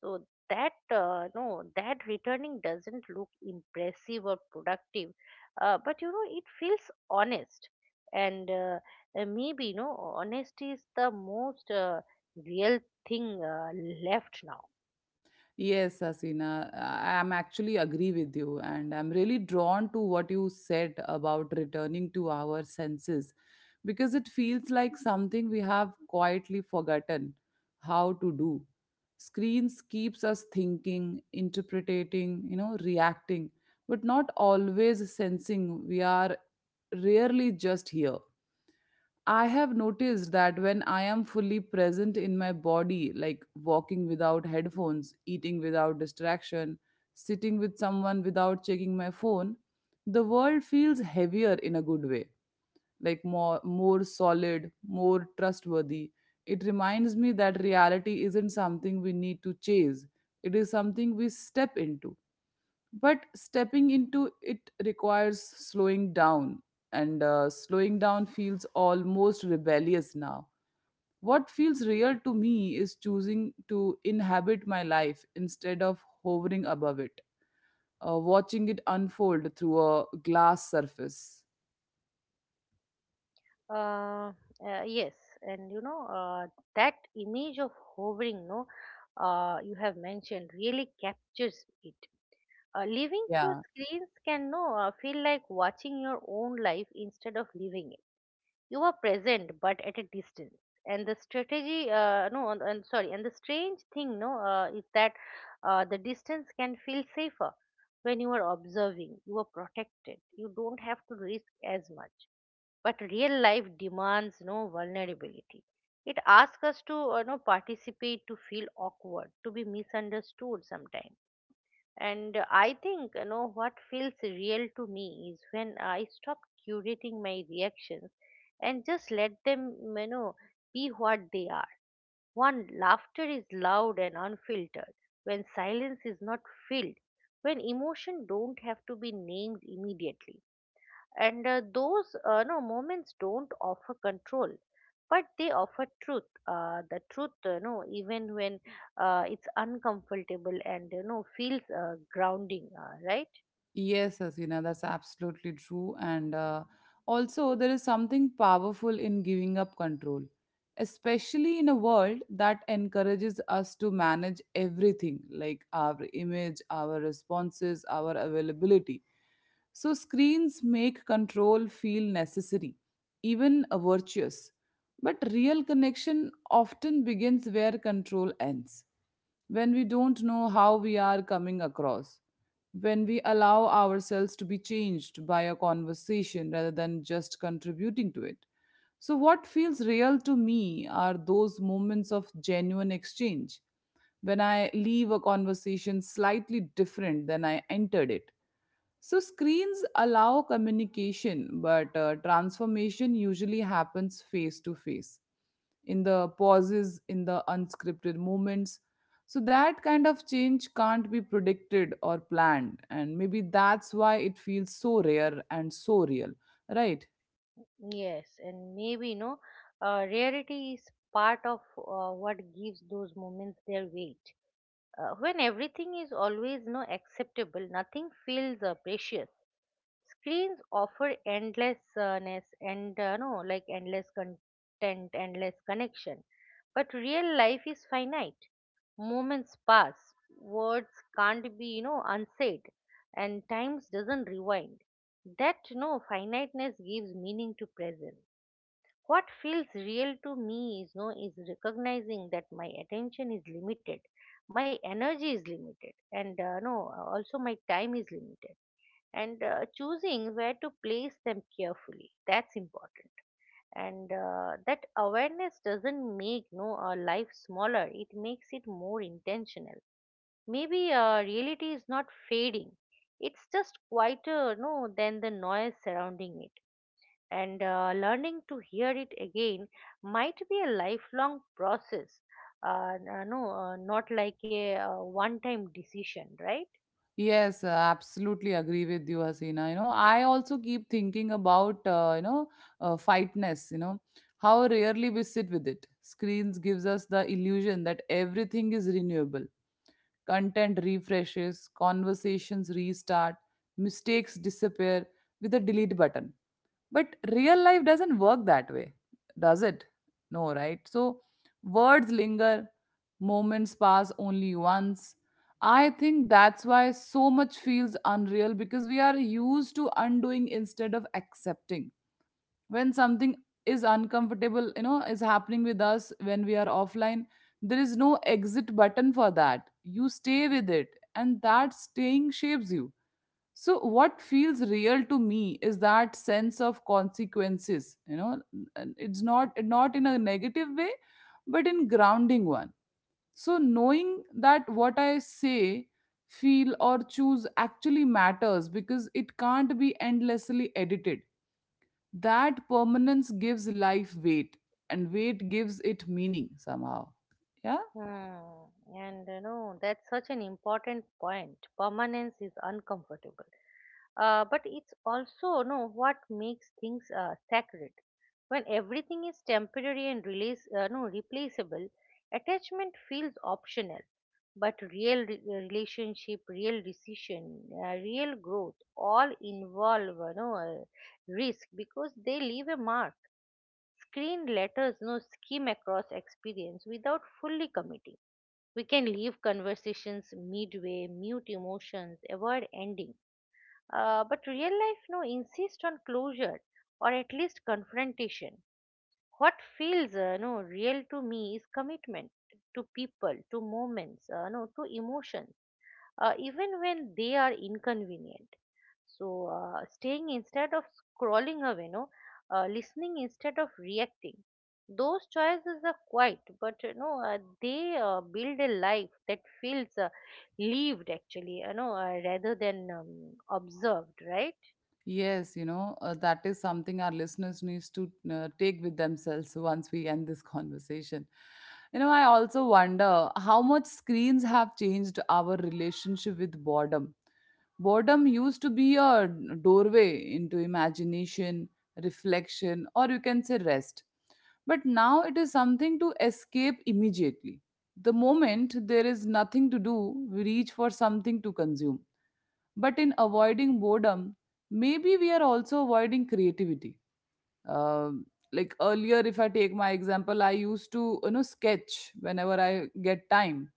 S2: So that uh, no that returning doesn't look impressive or productive, uh, but you know it feels honest, and uh, uh, maybe no honesty is the most uh, real thing uh, left now.
S1: Yes, Asina, I am actually agree with you, and I'm really drawn to what you said about returning to our senses because it feels like something we have quietly forgotten how to do. Screens keeps us thinking, interpreting, you know, reacting, but not always sensing. We are rarely just here. I have noticed that when I am fully present in my body, like walking without headphones, eating without distraction, sitting with someone without checking my phone, the world feels heavier in a good way, like more, more solid, more trustworthy. It reminds me that reality isn't something we need to chase, it is something we step into, but stepping into it requires slowing down, and uh, slowing down feels almost rebellious now. What feels real to me is choosing to inhabit my life instead of hovering above it, uh, watching it unfold through a glass surface.
S2: Uh, uh, yes, and you know, uh, that image of hovering, no, uh, you have mentioned, really captures it. Uh, living through
S1: Yeah.
S2: screens can no uh, feel like watching your own life instead of living it. You are present, but at a distance. And the strategy, uh, no, and and sorry, and the strange thing, no, uh, is that uh, the distance can feel safer. When you are observing, you are protected. You don't have to risk as much. But real life demands no vulnerability. It asks us to, uh, no, participate, to feel awkward, to be misunderstood sometimes. And I think, you know, what feels real to me is when I stop curating my reactions and just let them, you know, be what they are. One, laughter is loud and unfiltered, when silence is not filled, when emotion don't have to be named immediately, and uh, those uh, no moments don't offer control, but they offer truth uh, the truth, uh, no even when uh, it's uncomfortable, and you know feels uh, grounding, uh, right?
S1: Yes, Asina, that's absolutely true. And uh, also, there is something powerful in giving up control, especially in a world that encourages us to manage everything like our image, our responses, our availability. So, screens make control feel necessary, even uh, virtuous. But real connection often begins where control ends, when we don't know how we are coming across, when we allow ourselves to be changed by a conversation rather than just contributing to it. So, what feels real to me are those moments of genuine exchange, when I leave a conversation slightly different than I entered it. So, screens allow communication, but uh, transformation usually happens face to face, in the pauses, in the unscripted moments. So that kind of change can't be predicted or planned. And maybe that's why it feels so rare and so real, right?
S2: Yes, and maybe no. Know, uh, rarity is part of uh, what gives those moments their weight. Uh, when everything is always no acceptable, nothing feels uh, precious. Screens offer endlessness, and uh, no, like endless content, endless connection. But real life is finite. Moments pass. Words can't be, you know, unsaid, and times doesn't rewind. That no finiteness gives meaning to presence. What feels real to me is no is recognizing that my attention is limited, my energy is limited, and, uh, no, also my time is limited, and uh, choosing where to place them carefully, that's important. And uh, that awareness doesn't make no our life smaller, it makes it more intentional. Maybe uh, reality is not fading, it's just quieter no than the noise surrounding it, and uh, learning to hear it again might be a lifelong process, uh, n- uh, no uh, not like a uh, one time decision, right?
S1: Yes, uh, absolutely agree with you, Hasina. You know, I also keep thinking about, uh, you know, uh, fightness, you know, how rarely we sit with it. Screens gives us the illusion that everything is renewable. Content refreshes, conversations restart, mistakes disappear with a delete button. But real life doesn't work that way, does it? No, right? So words linger, moments pass only once. I think that's why so much feels unreal, because we are used to undoing instead of accepting. When something is uncomfortable, you know, is happening with us, when we are offline, there is no exit button for that. You stay with it, and that staying shapes you. So what feels real to me is that sense of consequences, you know, and it's not, not in a negative way, but in grounding one. So knowing that what I say, feel, or choose actually matters because it can't be endlessly edited, that permanence gives life weight, and weight gives it meaning somehow. Yeah.
S2: Hmm. And you know, that's such an important point. Permanence is uncomfortable. Uh, but it's also, you know, what makes things uh, sacred. When everything is temporary and release, uh, no, replaceable, attachment feels optional. But real re- uh, relationship, real decision, uh, real growth, all involve, you know, uh, risk, because they leave a mark. Screen letters, no, skim across experience without fully committing. We can leave conversations midway, mute emotions, avoid ending. Uh, but real life, no, insist on closure, or at least confrontation. What feels, uh, no, real to me is commitment to people, to moments, uh, no, to emotions, uh, even when they are inconvenient. So, uh, staying instead of scrolling away, no, uh, listening instead of reacting. Those choices are quiet, but you know uh, they uh, build a life that feels uh, lived actually, you know, uh, rather than um, observed, right?
S1: Yes, you know, uh, that is something our listeners needs to uh, take with themselves once we end this conversation. You know, I also wonder how much screens have changed our relationship with boredom. Boredom used to be a doorway into imagination, reflection, or you can say rest. But now it is something to escape immediately. The moment there is nothing to do, we reach for something to consume, but in avoiding boredom, maybe we are also avoiding creativity. um, like earlier, if I take my example, I used to, you know, sketch whenever I get time.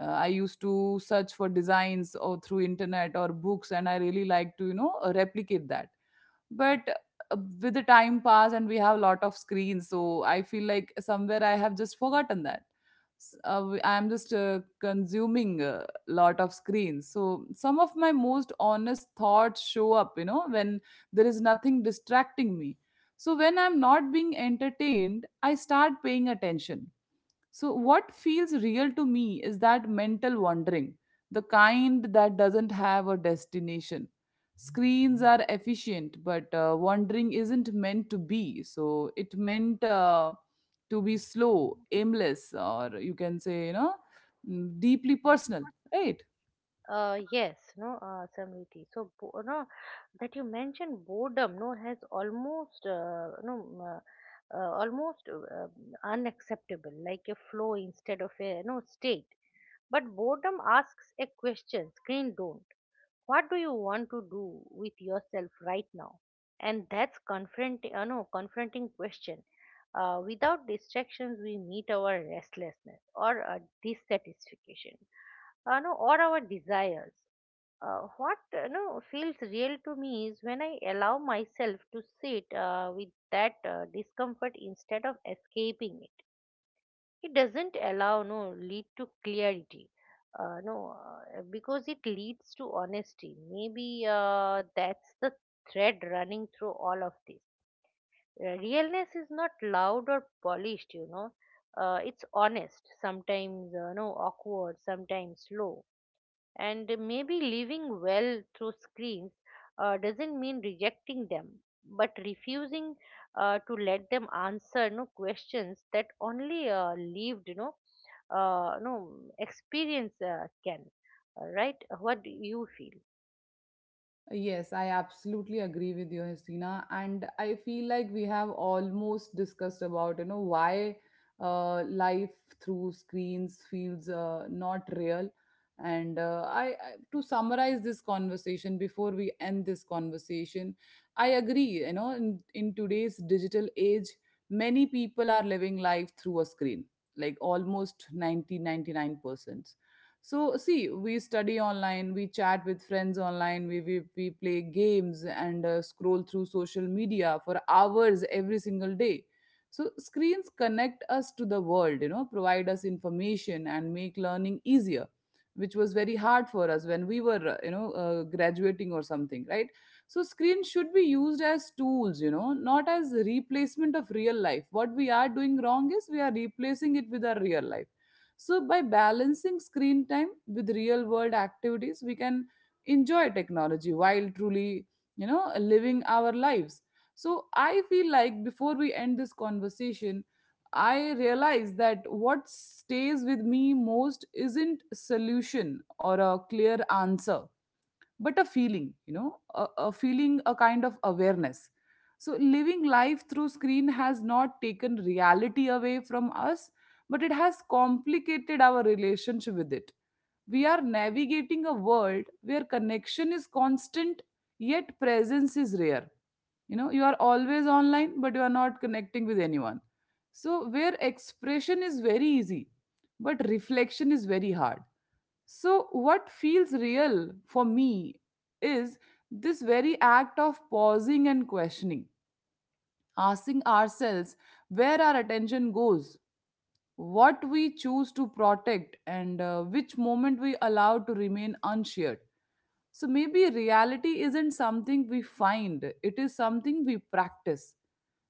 S1: uh, I used to search for designs or through internet or books, and I really like to, you know, replicate that. But uh, with the time pass and we have a lot of screens, so I feel like somewhere I have just forgotten that. S- uh, w- I'm just uh, consuming a lot of screens, so some of my most honest thoughts show up, you know, when there is nothing distracting me. So when I'm not being entertained, I start paying attention. So what feels real to me is that mental wandering, the kind that doesn't have a destination. Screens are efficient, but uh, wandering isn't meant to be. So it meant uh, to be slow, aimless, or you can say, you know, mm, deeply personal, right?
S2: Uh, yes, no, uh, Samriti. So, bo- you know, that you mentioned boredom, no, has almost, uh, you know, m- uh, uh, almost uh, um, unacceptable, like a flow instead of a, you know, state. But boredom asks a question, screen don't. What do you want to do with yourself right now? And that's confronting, uh, no, confronting question. Uh, without distractions, we meet our restlessness, or uh, dissatisfaction, uh, no, or our desires. Uh, what uh, no feels real to me is when I allow myself to sit uh, with that uh, discomfort instead of escaping it. It doesn't allow no lead to clarity, uh, no uh, because it leads to honesty, maybe uh, that's the thread running through all of this. Uh, realness is not loud or polished, you know, uh, it's honest, sometimes uh, no awkward, sometimes slow. And maybe living well through screens uh, doesn't mean rejecting them, but refusing uh, to let them answer no questions that only uh, lived, you know, uh, no experience uh, can. Uh, Right? What do you feel?
S1: Yes, I absolutely agree with you, Hasina. And I feel like we have almost discussed about, you know, why uh, life through screens feels uh, not real. And uh, I, I, to summarize this conversation before we end this conversation, I agree, you know, in, in today's digital age, many people are living life through a screen, like almost ninety ninety nine percent. So see, we study online, we chat with friends online, we we, we play games and uh, scroll through social media for hours every single day. So screens connect us to the world, you know, provide us information and make learning easier, which was very hard for us when we were uh, you know uh, graduating or something, right? So screens should be used as tools, you know, not as replacement of real life. What we are doing wrong is we are replacing it with our real life. So, by balancing screen time with real world activities, we can enjoy technology while truly, you know, living our lives. So, I feel like before we end this conversation, I realize that what stays with me most isn't solution or a clear answer, but a feeling, you know, a, a feeling, a kind of awareness. So living life through screen has not taken reality away from us, but it has complicated our relationship with it. We are navigating a world where connection is constant, yet presence is rare. You know, you are always online, but you are not connecting with anyone. So where expression is very easy, but reflection is very hard. So, what feels real for me is this very act of pausing and questioning, asking ourselves where our attention goes, what we choose to protect, and uh, which moment we allow to remain unshared. So maybe reality isn't something we find, it is something we practice,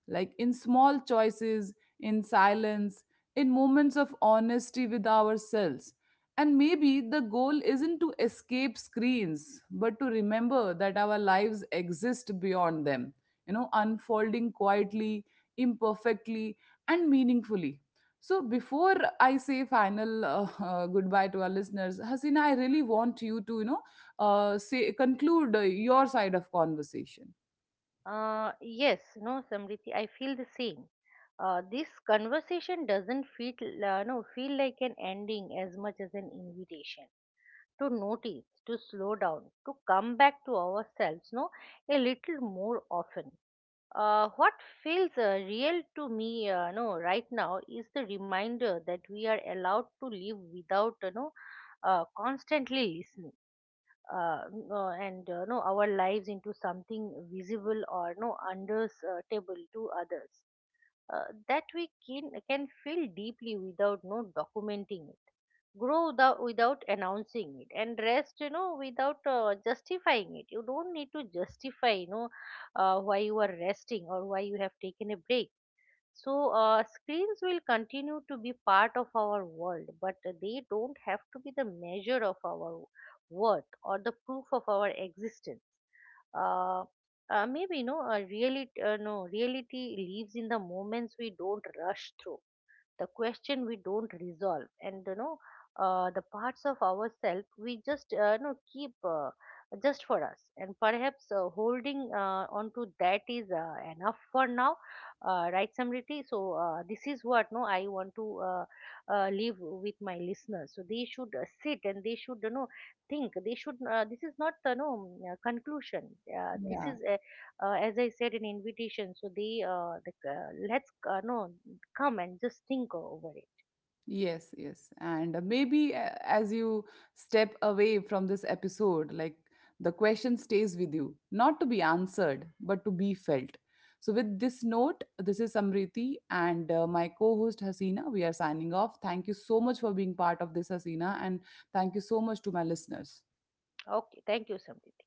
S1: like in small choices, in silence, in moments of honesty with ourselves. And maybe the goal isn't to escape screens, but to remember that our lives exist beyond them, you know, unfolding quietly, imperfectly, and meaningfully. So, before I say final uh, uh, goodbye to our listeners, Hasina, I really want you to, you know, uh, say, conclude uh, your side of conversation.
S2: Uh, yes, no, Samriti, I feel the same. Uh, this conversation doesn't feel, uh, no, feel like an ending as much as an invitation to notice, to slow down, to come back to ourselves, no, a little more often. Uh, what feels uh, real to me, uh, no, right now is the reminder that we are allowed to live without, you know, uh, constantly listening. Uh, n- uh, and uh, no, our lives into something visible or no understandable to others, uh, that we can, can feel deeply without no documenting it, grow without, without announcing it, and rest, you know, without uh, justifying it. You don't need to justify, you know, uh, why you are resting or why you have taken a break. So uh, screens will continue to be part of our world, but they don't have to be the measure of our worth or the proof of our existence. uh, uh, Maybe no uh, reality uh, no reality lives in the moments we don't rush through, the question we don't resolve, and you know uh, the parts of ourselves we just, uh, you know, keep uh, just for us. And perhaps uh, holding uh, on to that is uh, enough for now, uh, right, Samriti? So uh, this is what, no I want to, uh, uh, leave with my listeners, so they should uh, sit and they should, you know, think. They should, uh, this is not uh, no mm, uh, conclusion, uh, this
S1: Yeah.
S2: is a, uh, as I said, an invitation, so they uh, the, uh, let's uh, no come and just tinker over it.
S1: Yes. Yes. And uh, maybe uh, as you step away from this episode, like the question stays with you, not to be answered, but to be felt. So, with this note, this is Samriti and uh, my co host Hasina. We are signing off. Thank you so much for being part of this, Hasina, and thank you so much to my listeners.
S2: Okay, thank you, Samrit.